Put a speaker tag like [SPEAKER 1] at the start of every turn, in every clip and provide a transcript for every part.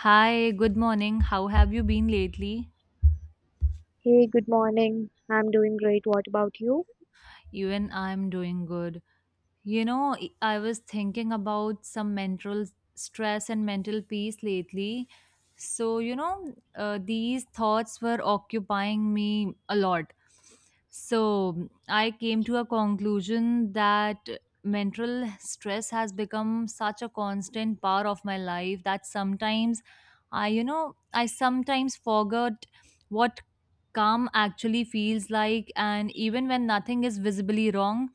[SPEAKER 1] Hi, good morning. How have you been lately?
[SPEAKER 2] Hey, good morning. I'm doing great. What about you?
[SPEAKER 1] Even I'm doing good. You know, I I was thinking about some mental stress and mental peace lately. So, these thoughts were occupying me a lot. So, I came to a conclusion that mental stress has become such a constant part of my life that sometimes I sometimes forget what calm actually feels like. And even when nothing is visibly wrong,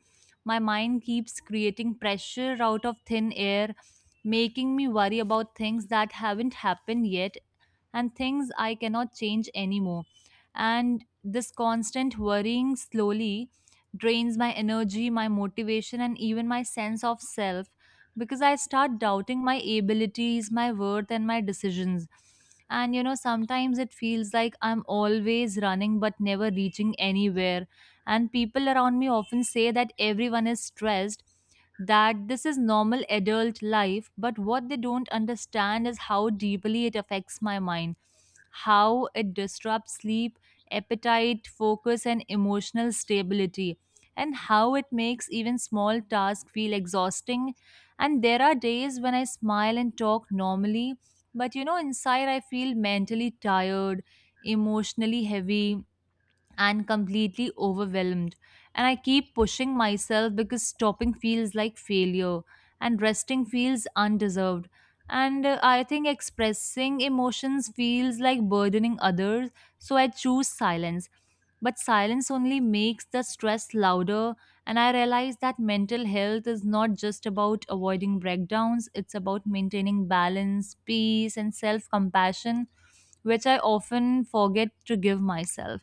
[SPEAKER 1] my mind keeps creating pressure out of thin air, making me worry about things that haven't happened yet and things I cannot change anymore. And this constant worrying slowly drains my energy, my motivation, and even my sense of self because I start doubting my abilities, my worth, and my decisions. And sometimes it feels like I'm always running but never reaching anywhere, and people around me often say that everyone is stressed, that this is normal adult life, but what they don't understand is how deeply it affects my mind, how it disrupts sleep, appetite, focus, and emotional stability, and how it makes even small tasks feel exhausting. And there are days when I smile and talk normally, but inside I feel mentally tired, emotionally heavy, and completely overwhelmed. And I keep pushing myself because stopping feels like failure and resting feels undeserved. And I think expressing emotions feels like burdening others, so I choose silence. But silence only makes the stress louder, and I realize that mental health is not just about avoiding breakdowns, it's about maintaining balance, peace, and self compassion, which I often forget to give myself.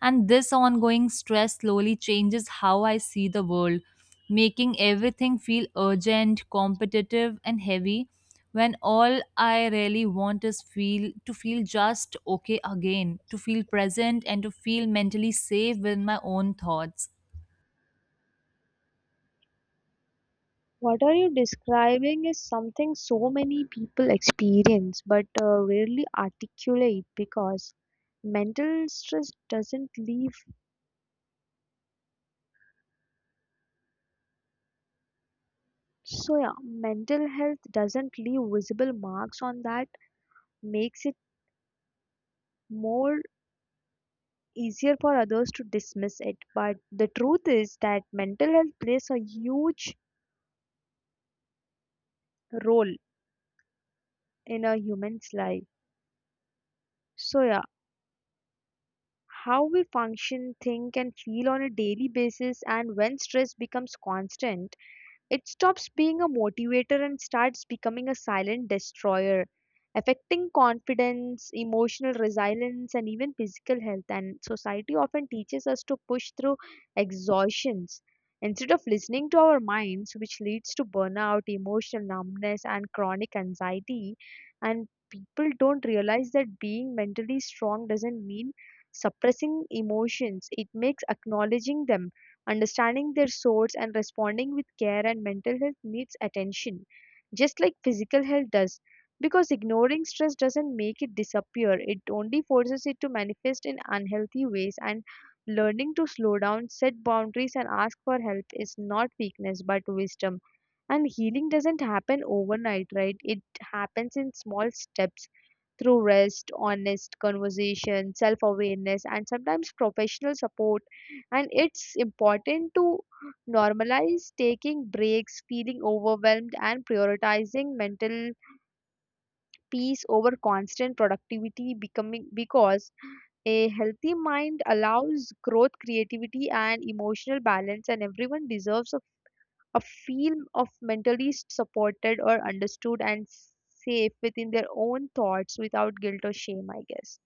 [SPEAKER 1] And this ongoing stress slowly changes how I see the world, making everything feel urgent, competitive, and heavy when all I really want is feel to feel just okay again, to feel present and to feel mentally safe with my own thoughts.
[SPEAKER 2] What are you describing is something so many people experience but rarely articulate because mental stress doesn't leave. So, yeah, mental health doesn't leave visible marks on that, makes it more easier for others to dismiss it. But the truth is that mental health plays a huge role in a human's life. So, yeah, how we function, think, and feel on a daily basis, and when stress becomes constant, it stops being a motivator and starts becoming a silent destroyer, affecting confidence, emotional resilience, and even physical health. And society often teaches us to push through exhaustions instead of listening to our minds, which leads to burnout, emotional numbness, and chronic anxiety. And people don't realize that being mentally strong doesn't mean suppressing emotions, it makes acknowledging them, understanding their source, and responding with care. And mental health needs attention just like physical health does, because ignoring stress doesn't make it disappear, it only forces it to manifest in unhealthy ways. And learning to slow down, set boundaries, and ask for help is not weakness but wisdom. And healing doesn't happen overnight, right? It happens in small steps, through rest, honest conversation, self awareness, and sometimes professional support. And it's important to normalize taking breaks, feeling overwhelmed, and prioritizing mental peace over constant productivity becoming, because a healthy mind allows growth, creativity, and emotional balance. And everyone deserves a feel of mentally supported or understood and safe within their own thoughts without guilt or shame, I guess.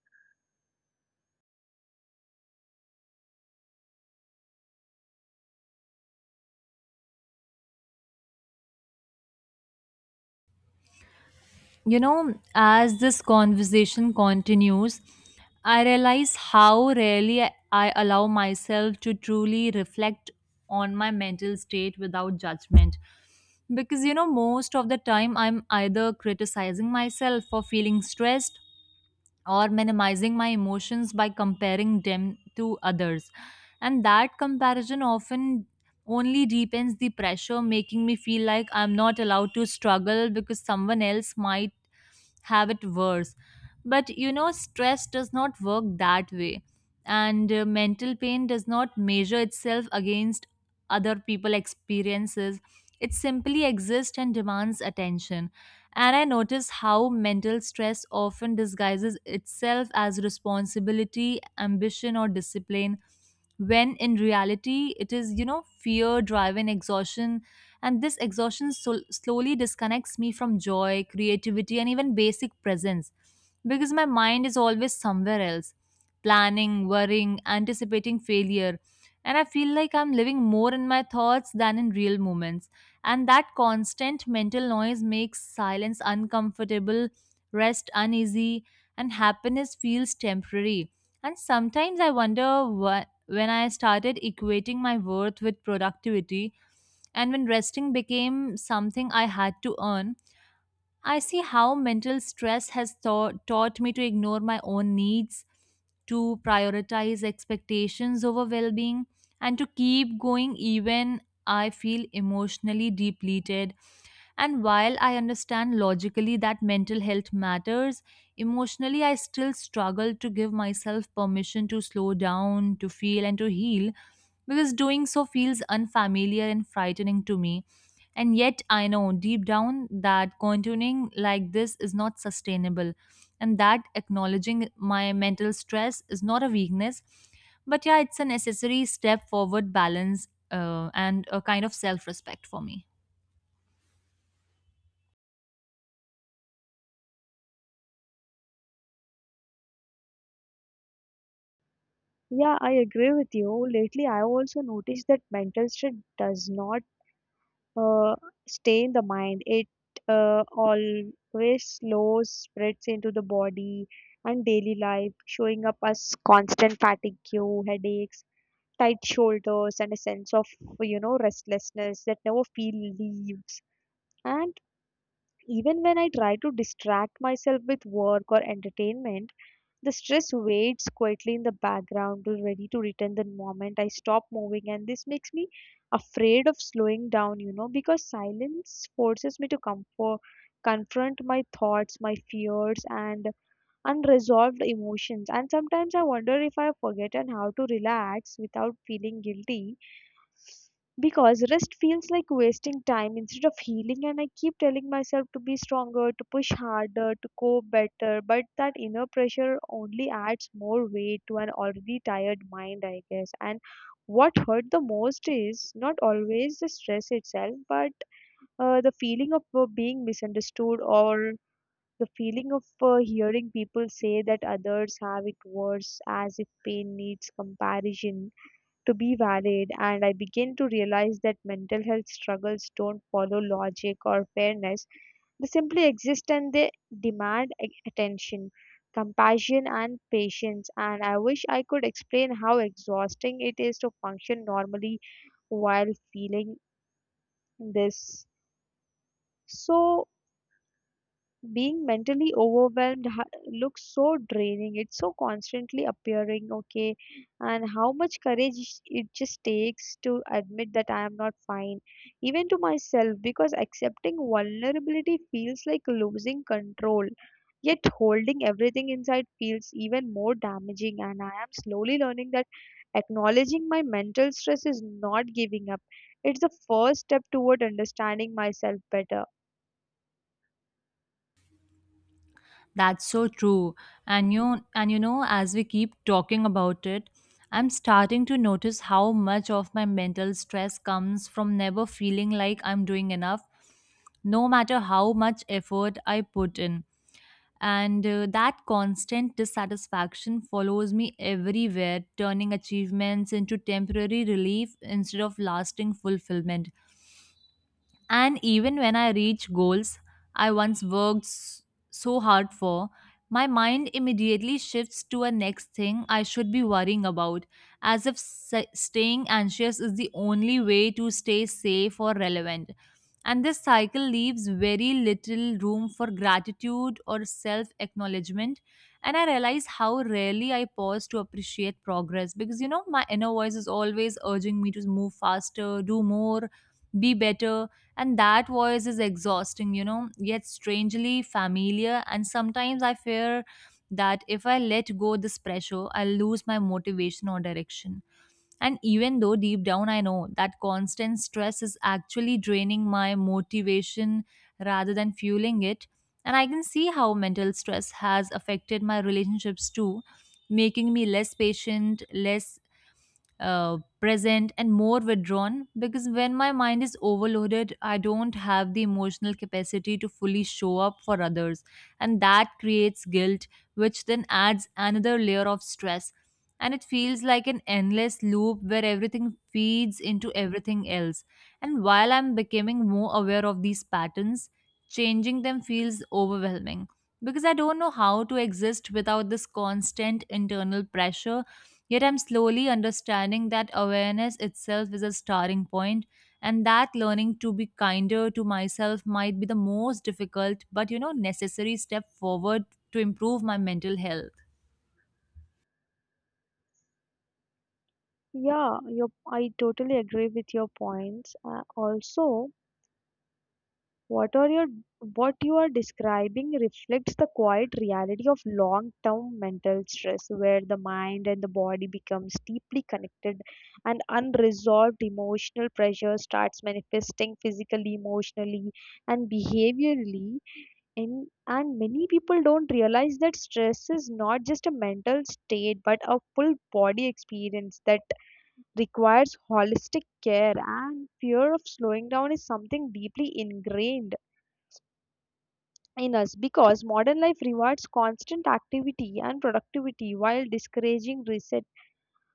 [SPEAKER 1] You know, as this conversation continues, I realize how rarely I allow myself to truly reflect on my mental state without judgment. Because, most of the time I'm either criticizing myself for feeling stressed or minimizing my emotions by comparing them to others. And that comparison often only deepens the pressure, making me feel like I'm not allowed to struggle because someone else might have it worse. But stress does not work that way, and mental pain does not measure itself against other people experiences. It simply exists and demands attention. And I notice how mental stress often disguises itself as responsibility, ambition, or discipline, when in reality, it is fear, driven exhaustion. And this exhaustion slowly disconnects me from joy, creativity, and even basic presence because my mind is always somewhere else planning, worrying, anticipating failure. And I feel like I'm living more in my thoughts than in real moments, and that constant mental noise makes silence uncomfortable, rest uneasy, and happiness feels temporary. And sometimes I wonder when I started equating my worth with productivity, and when resting became something I had to earn. I see how mental stress has taught me to ignore my own needs, to prioritize expectations over well being, and to keep going even I feel emotionally depleted. And while I understand logically that mental health matters, emotionally I still struggle to give myself permission to slow down, to feel, and to heal because doing so feels unfamiliar and frightening to me. And yet, I know deep down that continuing like this is not sustainable, and that acknowledging my mental stress is not a weakness, but yeah, it's a necessary step forward, balance, and a kind of self respect for me.
[SPEAKER 2] Yeah, I agree with you. Lately, I also noticed that mental stress does not uh, stay in the mind. It always slows, spreads into the body and daily life, showing up as constant fatigue, headaches, tight shoulders, and a sense of, you know, restlessness that never feel leaves. And even when I try to distract myself with work or entertainment, the stress waits quietly in the background, ready to return the moment I stop moving. And this makes me afraid of slowing down, you know, because silence forces me to comfort, confront my thoughts, my fears, and unresolved emotions. And sometimes I wonder if I have forgotten how to relax without feeling guilty, because rest feels like wasting time instead of healing. And I keep telling myself to be stronger, to push harder, to cope better, but that inner pressure only adds more weight to an already tired mind, I guess. And what hurt the most is not always the stress itself but the feeling of being misunderstood, or the feeling of hearing people say that others have it worse, as if pain needs comparison to be valid. And I began to realize that mental health struggles don't follow logic or fairness. They simply exist and they demand attention, compassion, and patience. And I wish I could explain how exhausting it is to function normally while feeling this. So, being mentally overwhelmed looks so draining, it's so constantly appearing okay, and how much courage it just takes to admit that I am not fine, even to myself, because accepting vulnerability feels like losing control, yet holding everything inside feels even more damaging. And I am slowly learning that acknowledging my mental stress is not giving up, it's the first step toward understanding myself better.
[SPEAKER 1] That's so true. And you know, as we keep talking about it, I'm starting to notice how much of my mental stress comes from never feeling like I'm doing enough, no matter how much effort I put in. And that constant dissatisfaction follows me everywhere, turning achievements into temporary relief instead of lasting fulfillment. And even when I reach goals I once worked so hard for, my mind immediately shifts to a next thing I should be worrying about, as if staying anxious is the only way to stay safe or relevant. And this cycle leaves very little room for gratitude or self acknowledgement. And I realize how rarely I pause to appreciate progress because, my inner voice is always urging me to move faster, do more, be better. And that voice is exhausting, yet strangely familiar. And sometimes I fear that if I let go this pressure, I'll lose my motivation or direction, and even though deep down I know that constant stress is actually draining my motivation rather than fueling it. And I can see how mental stress has affected my relationships too, making me less patient, less present and more withdrawn because when my mind is overloaded I don't have the emotional capacity to fully show up for others, and that creates guilt, which then adds another layer of stress. And it feels like an endless loop where everything feeds into everything else. And while I'm becoming more aware of these patterns, changing them feels overwhelming because I don't know how to exist without this constant internal pressure. Yet I'm slowly understanding that awareness itself is a starting point, and that learning to be kinder to myself might be the most difficult but necessary step forward to improve my mental health.
[SPEAKER 2] Yeah, I totally agree with your points. Also, what are your what you are describing reflects the quiet reality of long-term mental stress, where the mind and the body becomes deeply connected, and unresolved emotional pressure starts manifesting physically, emotionally, and behaviorally. And many people don't realize that stress is not just a mental state but a full body experience that requires holistic care. And fear of slowing down is something deeply ingrained in us, because modern life rewards constant activity and productivity while discouraging reset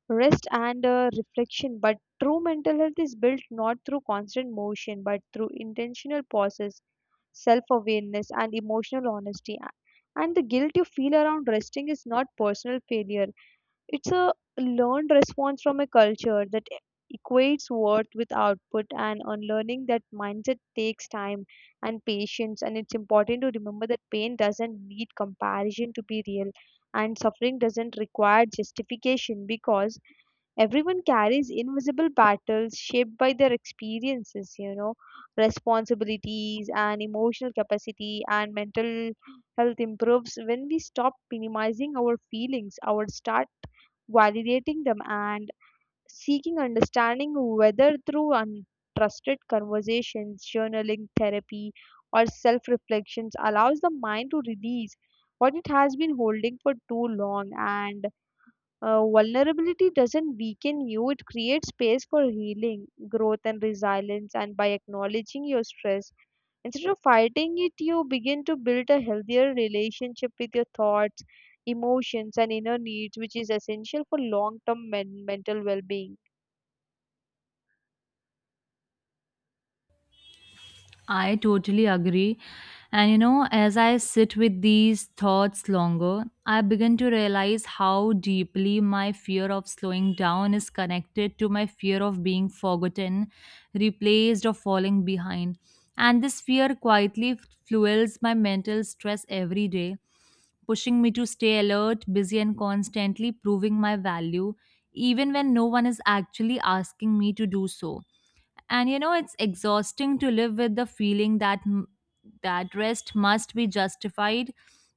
[SPEAKER 2] rest and reflection. But true mental health is built not through constant motion, but through intentional pauses, self awareness, and emotional honesty. And the guilt you feel around resting is not personal failure, it's a learned response from a culture that equates worth with output. And unlearning that mindset takes time and patience. And it's important to remember that pain doesn't need comparison to be real, and suffering doesn't require justification, because everyone carries invisible battles shaped by their experiences, you know, responsibilities and emotional capacity. And mental health improves when we stop minimizing our feelings, our start validating them, and seeking understanding whether through untrusted conversations, journaling, therapy, or self reflections allows the mind to release what it has been holding for too long. And vulnerability doesn't weaken you, it creates space for healing, growth, and resilience. And by acknowledging your stress, instead of fighting it, you begin to build a healthier relationship with your thoughts, emotions, and inner needs, which is essential for long term mental well being.
[SPEAKER 1] I totally agree. And as I sit with these thoughts longer, I begin to realize how deeply my fear of slowing down is connected to my fear of being forgotten, replaced, or falling behind. And this fear quietly fuels my mental stress every day, pushing me to stay alert, busy, and constantly proving my value, even when no one is actually asking me to do so. And it's exhausting to live with the feeling that that rest must be justified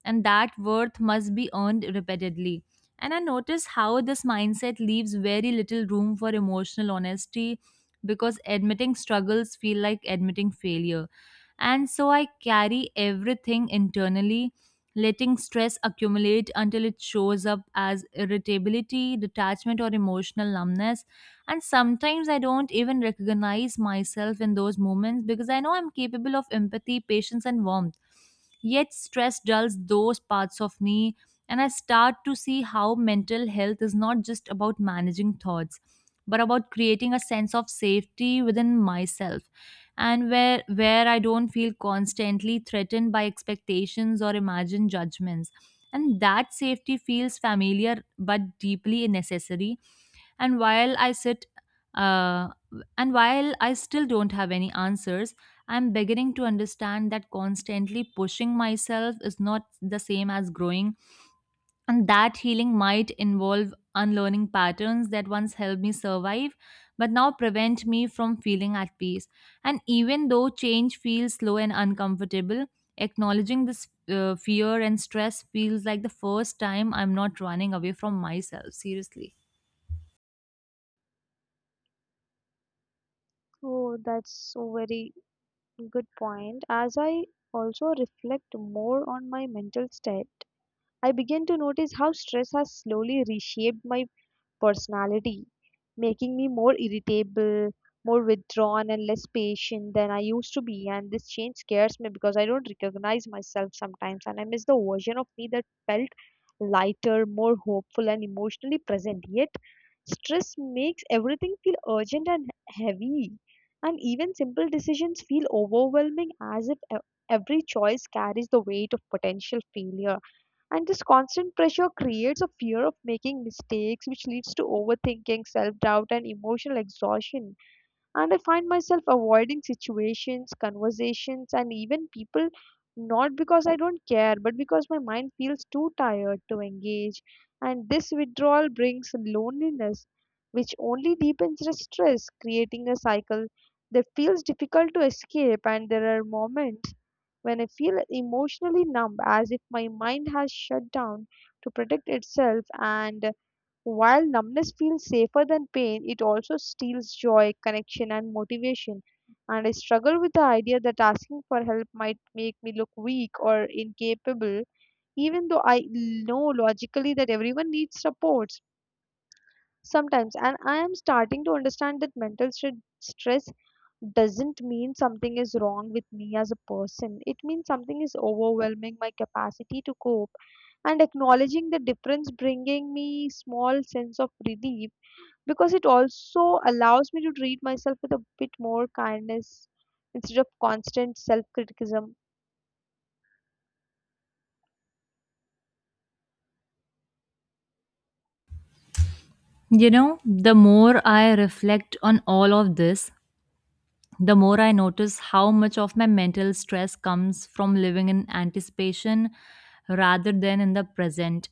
[SPEAKER 1] and that worth must be earned repeatedly. And I notice how this mindset leaves very little room for emotional honesty because admitting struggles feel like admitting failure, and so I carry everything internally, letting stress accumulate until it shows up as irritability, detachment, or emotional numbness. And sometimes I don't even recognize myself in those moments because I know I'm capable of empathy, patience, and warmth. Yet stress dulls those parts of me, and I start to see how mental health is not just about managing thoughts, but about creating a sense of safety within myself, and where I don't feel constantly threatened by expectations or imagined judgments. And that safety feels familiar but deeply necessary. And while i sit uh, and while I still don't have any answers, I'm beginning to understand that constantly pushing myself is not the same as growing, and that healing might involve unlearning patterns that once helped me survive but now prevent me from feeling at peace. And even though change feels slow and uncomfortable, acknowledging this fear and stress feels like the first time I'm not running away from myself, seriously.
[SPEAKER 2] Oh, that's a very good point. As I also reflect more on my mental state, I begin to notice how stress has slowly reshaped my personality, making me more irritable, more withdrawn, and less patient than I used to be. And this change scares me because I don't recognize myself sometimes, and I miss the version of me that felt lighter, more hopeful, and emotionally present. Yet, stress makes everything feel urgent and heavy, and even simple decisions feel overwhelming, as if every choice carries the weight of potential failure. And this constant pressure creates a fear of making mistakes, which leads to overthinking, self doubt, and emotional exhaustion. And I find myself avoiding situations, conversations, and even people, not because I don't care, but because my mind feels too tired to engage. And this withdrawal brings loneliness, which only deepens the stress, creating a cycle that feels difficult to escape. And there are moments when I feel emotionally numb, as if my mind has shut down to protect itself. And while numbness feels safer than pain, it also steals joy, connection, and motivation. And I struggle with the idea that asking for help might make me look weak or incapable, even though I know logically that everyone needs support sometimes. And I am starting to understand that mental stress doesn't mean something is wrong with me as a person, it means something is overwhelming my capacity to cope. And acknowledging the difference bringing me small sense of relief, because it also allows me to treat myself with a bit more kindness instead of constant self criticism.
[SPEAKER 1] You know, the more I reflect on all of this, the more I notice how much of my mental stress comes from living in anticipation rather than in the present.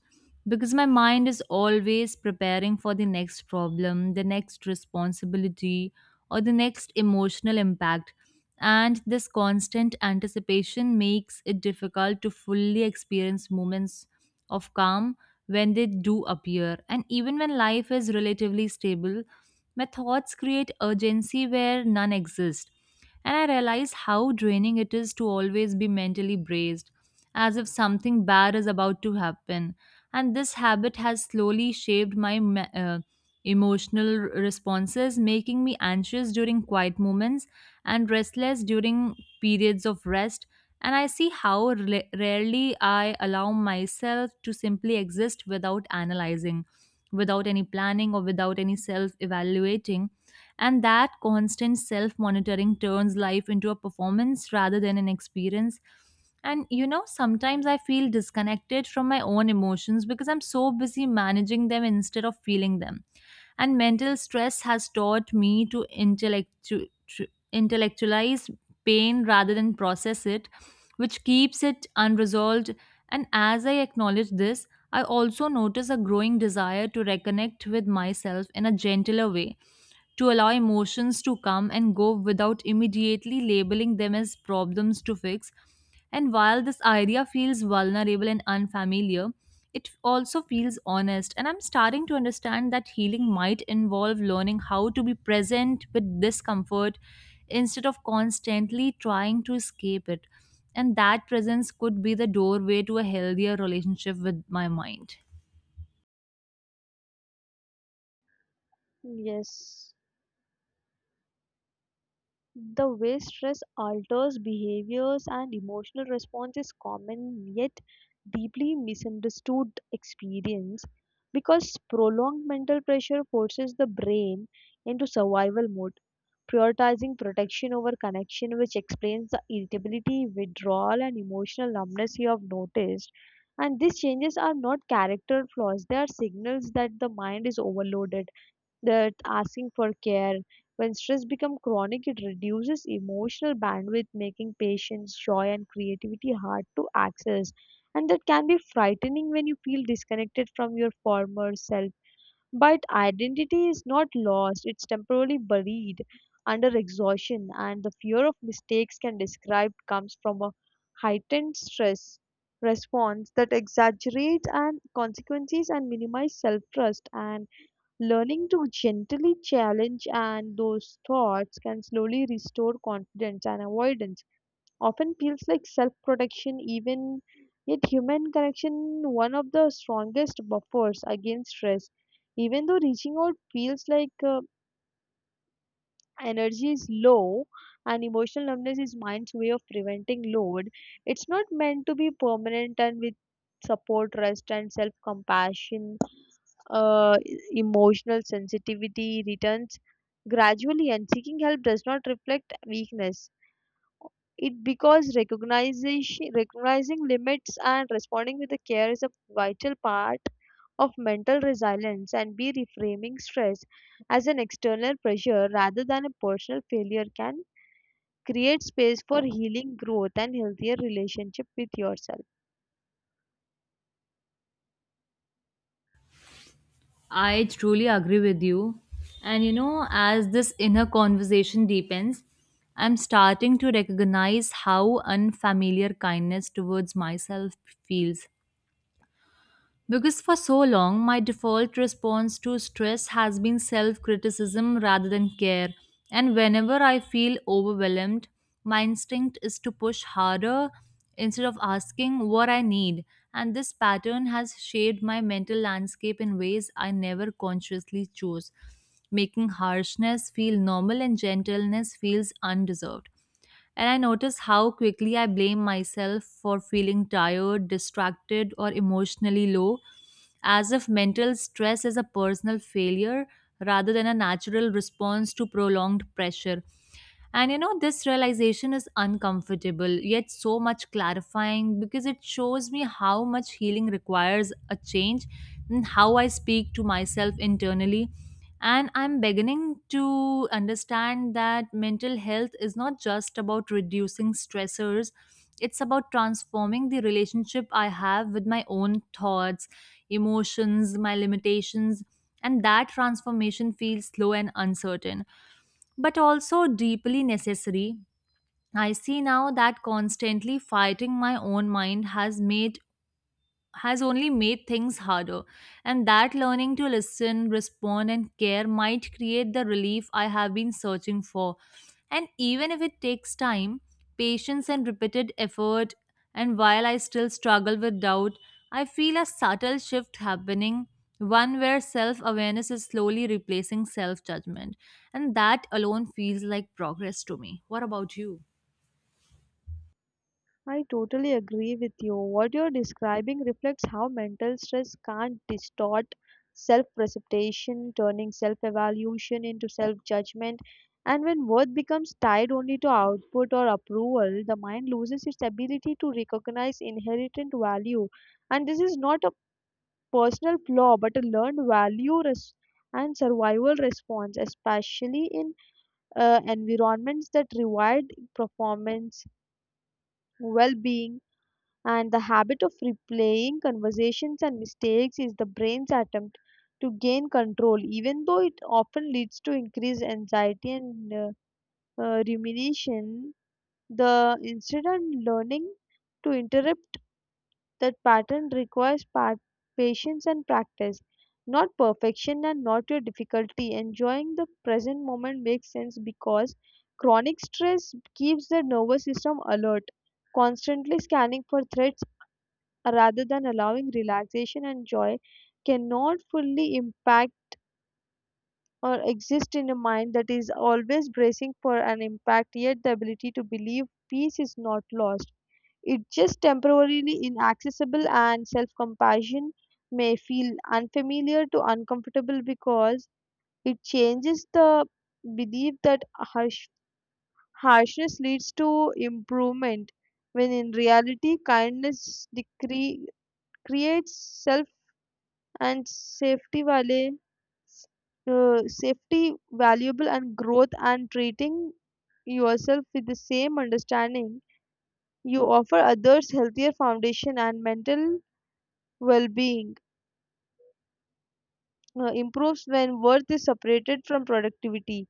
[SPEAKER 1] Because my mind is always preparing for the next problem, the next responsibility, or the next emotional impact. And this constant anticipation makes it difficult to fully experience moments of calm when they do appear. And even when life is relatively stable, my thoughts create urgency where none exist. And I realize how draining it is to always be mentally braced, as if something bad is about to happen. And this habit has slowly shaped my emotional responses, making me anxious during quiet moments and restless during periods of rest. And I see how rarely I allow myself to simply exist without analyzing, without any planning, or without any self evaluating. And that constant self monitoring turns life into a performance rather than an experience. And sometimes I feel disconnected from my own emotions because I'm so busy managing them instead of feeling them. And mental stress has taught me to intellectualize pain rather than process it, which keeps it unresolved. And as I acknowledge this, I also notice a growing desire to reconnect with myself in a gentler way, to allow emotions to come and go without immediately labeling them as problems to fix. And while this idea feels vulnerable and unfamiliar, it also feels honest. And I'm starting to understand that healing might involve learning how to be present with discomfort instead of constantly trying to escape it. And that presence could be the doorway to a healthier relationship with my mind.
[SPEAKER 2] Yes. The way stress alters behaviors and emotional response is common yet deeply misunderstood experience, because prolonged mental pressure forces the brain into survival mode, prioritizing protection over connection, which explains the irritability, withdrawal, and emotional numbness you have noticed. And these changes are not character flaws, they are signals that the mind is overloaded, that asking for care. When stress becomes chronic, it reduces emotional bandwidth, making patience, joy, and creativity hard to access. And that can be frightening when you feel disconnected from your former self. But identity is not lost, it's temporarily buried under exhaustion. And the fear of mistakes can describe comes from a heightened stress response that exaggerates and consequences and minimize self trust. And learning to gently challenge and those thoughts can slowly restore confidence and avoidance. Often feels like self protection, even yet human connection one of the strongest buffers against stress. Even though reaching out feels like energy is low and emotional numbness is mind's way of preventing load, it's not meant to be permanent. And with support, rest, and self compassion, uh, emotional sensitivity returns gradually. And seeking help does not reflect weakness. It because recognition, recognizing limits and responding with the care is a vital part of mental resilience. And be reframing stress as an external pressure rather than a personal failure can create space for healing, growth, and healthier relationship with yourself.
[SPEAKER 1] I truly agree with you. And as this inner conversation deepens, I'm starting to recognize how unfamiliar kindness towards myself feels. Because for so long, my default response to stress has been self criticism rather than care. And whenever I feel overwhelmed, my instinct is to push harder instead of asking what I need. And this pattern has shaped my mental landscape in ways I never consciously chose, making harshness feel normal and gentleness feels undeserved. And I notice how quickly I blame myself for feeling tired, distracted, or emotionally low, as if mental stress is a personal failure rather than a natural response to prolonged pressure. And this realization is uncomfortable, yet so much clarifying because it shows me how much healing requires a change and how I speak to myself internally. And I'm beginning to understand that mental health is not just about reducing stressors, it's about transforming the relationship I have with my own thoughts, emotions, my limitations. And that transformation feels slow and uncertain, but also deeply necessary. I see now that constantly fighting my own mind has only made things harder. And that learning to listen, respond, and care might create the relief I have been searching for. And even if it takes time, patience, and repeated effort, and while I still struggle with doubt, I feel a subtle shift happening, one where self awareness is slowly replacing self judgment. And that alone feels like progress to me. What about you?
[SPEAKER 2] I totally agree with you. What you're describing reflects how mental stress can't distort self precipitation, turning self evaluation into self judgment. And when worth becomes tied only to output or approval, the mind loses its ability to recognize inherent value. And this is not a personal flaw but a learned value and survival response, especially in environments that reward performance, well being. And the habit of replaying conversations and mistakes is the brain's attempt to gain control, even though it often leads to increased anxiety and rumination. The instead and learning to interrupt that pattern requires patience and practice, not perfection, and not your difficulty. Enjoying the present moment makes sense because chronic stress keeps the nervous system alert, constantly scanning for threats rather than allowing relaxation. And joy cannot fully impact or exist in a mind that is always bracing for an impact, yet the ability to believe peace is not lost. It's just temporarily inaccessible, and self compassion may feel unfamiliar to uncomfortable because it changes the belief that harshness leads to improvement, when in reality, creates self and safety valuable and growth, and treating yourself with the same understanding you offer others healthier foundation and mental well-being improves when worth is separated from productivity,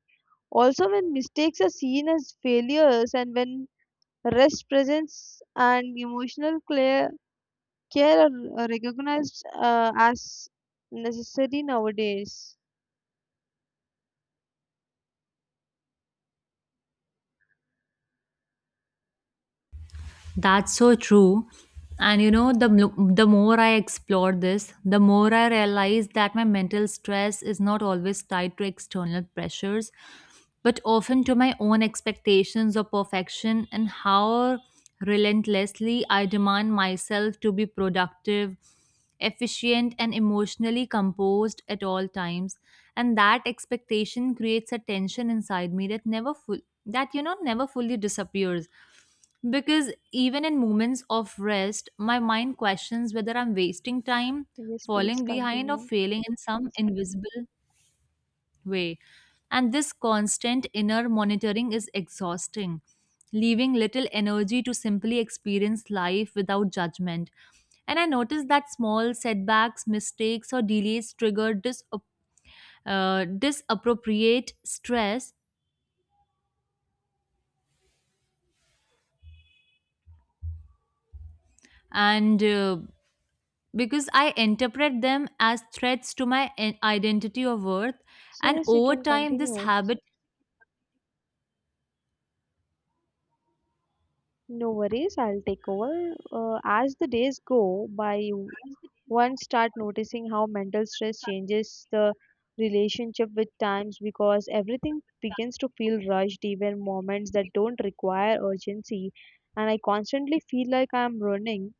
[SPEAKER 2] also when mistakes are seen as failures and when rest presence and emotional clear, care are recognized as necessary nowadays.
[SPEAKER 1] That's so true. And you know, the more I explore this, the more I realize that my mental stress is not always tied to external pressures, but often to my own expectations of perfection and how relentlessly I demand myself to be productive, efficient, and emotionally composed at all times. And that expectation creates a tension inside me that never full that you know never fully disappears because even in moments of rest, my mind questions whether I'm wasting time,
[SPEAKER 2] Yes, please
[SPEAKER 1] falling behind, or
[SPEAKER 2] continue.
[SPEAKER 1] failing in some invisible way. And this constant inner monitoring is exhausting, leaving little energy to simply experience life without judgment. And I noticed that small setbacks, mistakes, or delays trigger disappropriate stress and because I interpret them as threats to my identity or worth.
[SPEAKER 2] So
[SPEAKER 1] And
[SPEAKER 2] yes, you
[SPEAKER 1] over
[SPEAKER 2] can
[SPEAKER 1] time, this
[SPEAKER 2] continue.
[SPEAKER 1] habit,
[SPEAKER 2] No worries, I'll take over. As the days go by, one start noticing how mental stress changes the relationship with times, because everything begins to feel rushed, even moments that don't require urgency. And I constantly feel like I'm running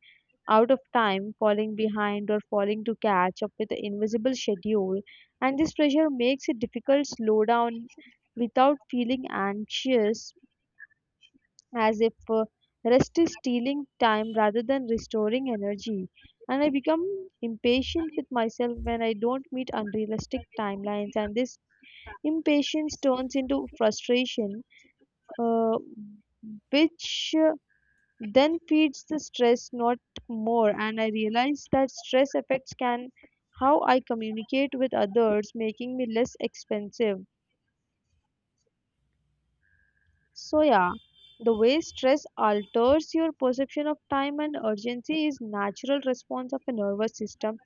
[SPEAKER 2] out of time, falling behind, or falling to catch up with the invisible schedule. And this pressure makes it difficult to slow down without feeling anxious, as if rest is stealing time rather than restoring energy. And I become impatient with myself when I don't meet unrealistic timelines, and this impatience turns into frustration, uh, which then feeds the stress, not more. And I realize that stress affects can how I communicate with others, making me less expensive. So, yeah, the way stress alters your perception of time and urgency is natural response of a nervous system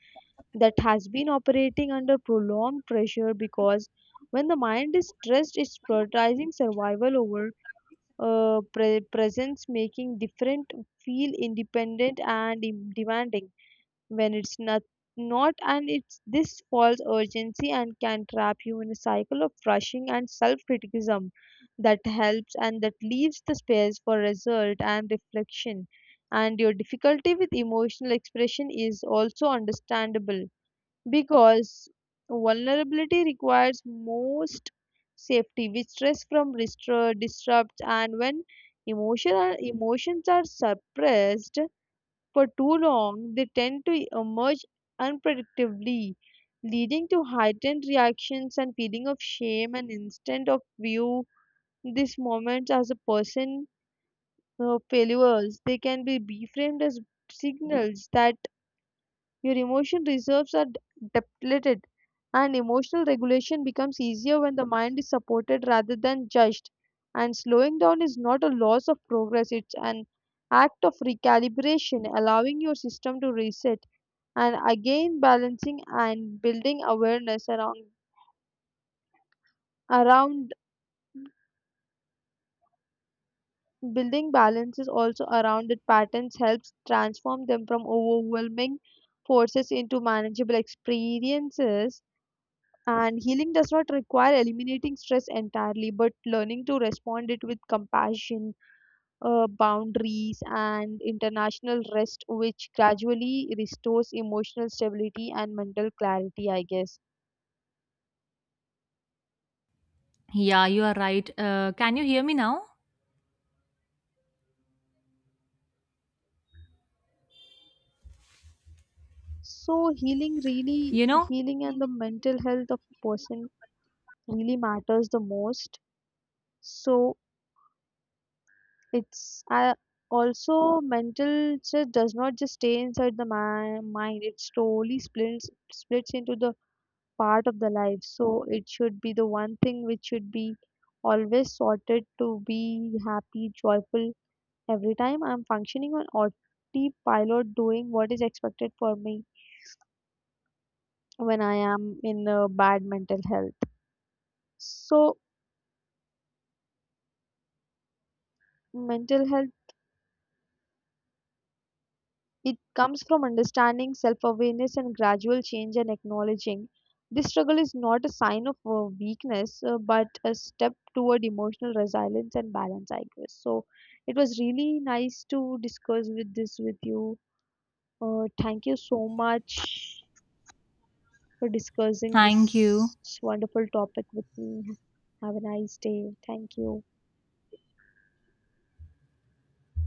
[SPEAKER 2] that has been operating under prolonged pressure, because when the mind is stressed, it's prioritizing survival over presence, making different feel independent and demanding when it's not, and it's this false urgency and can trap you in a cycle of rushing and self-criticism that helps, and that leaves the space for result and reflection. And your difficulty with emotional expression is also understandable, because vulnerability requires most safety, which stress from disrupts, and when emotional emotions are suppressed for too long, they tend to emerge unpredictably, leading to heightened reactions and feeling of shame, and instead of view these moments as a person failures. They can be reframed as signals that your emotion reserves are depleted, and emotional regulation becomes easier when the mind is supported rather than judged. And slowing down is not a loss of progress, it's an act of recalibration, allowing your system to reset and again balancing and building awareness around building balances also around it patterns, helps transform them from overwhelming forces into manageable experiences. And healing does not require eliminating stress entirely, but learning to respond it with compassion, boundaries and international rest, which gradually restores emotional stability and mental clarity, I guess.
[SPEAKER 1] yeah, you are right. Can you hear me now?
[SPEAKER 2] So healing, really
[SPEAKER 1] You know?
[SPEAKER 2] healing, and the mental health of person really matters the most. So it's I also mental stress does not just stay inside the mind. It slowly splits into the part of the life. So it should be the one thing which should be always sorted to be happy, joyful. Every time I'm functioning on autopilot, doing what is expected for me when I am in a bad mental health. So, mental health, it comes from understanding, self awareness, and gradual change and acknowledging. This struggle is not a sign of weakness, but a step toward emotional resilience and balance, I guess. So, it was really nice to discuss with this with you. Thank you so much for discussing
[SPEAKER 1] Thank you.
[SPEAKER 2] this wonderful topic with me. Have a nice day. Thank you.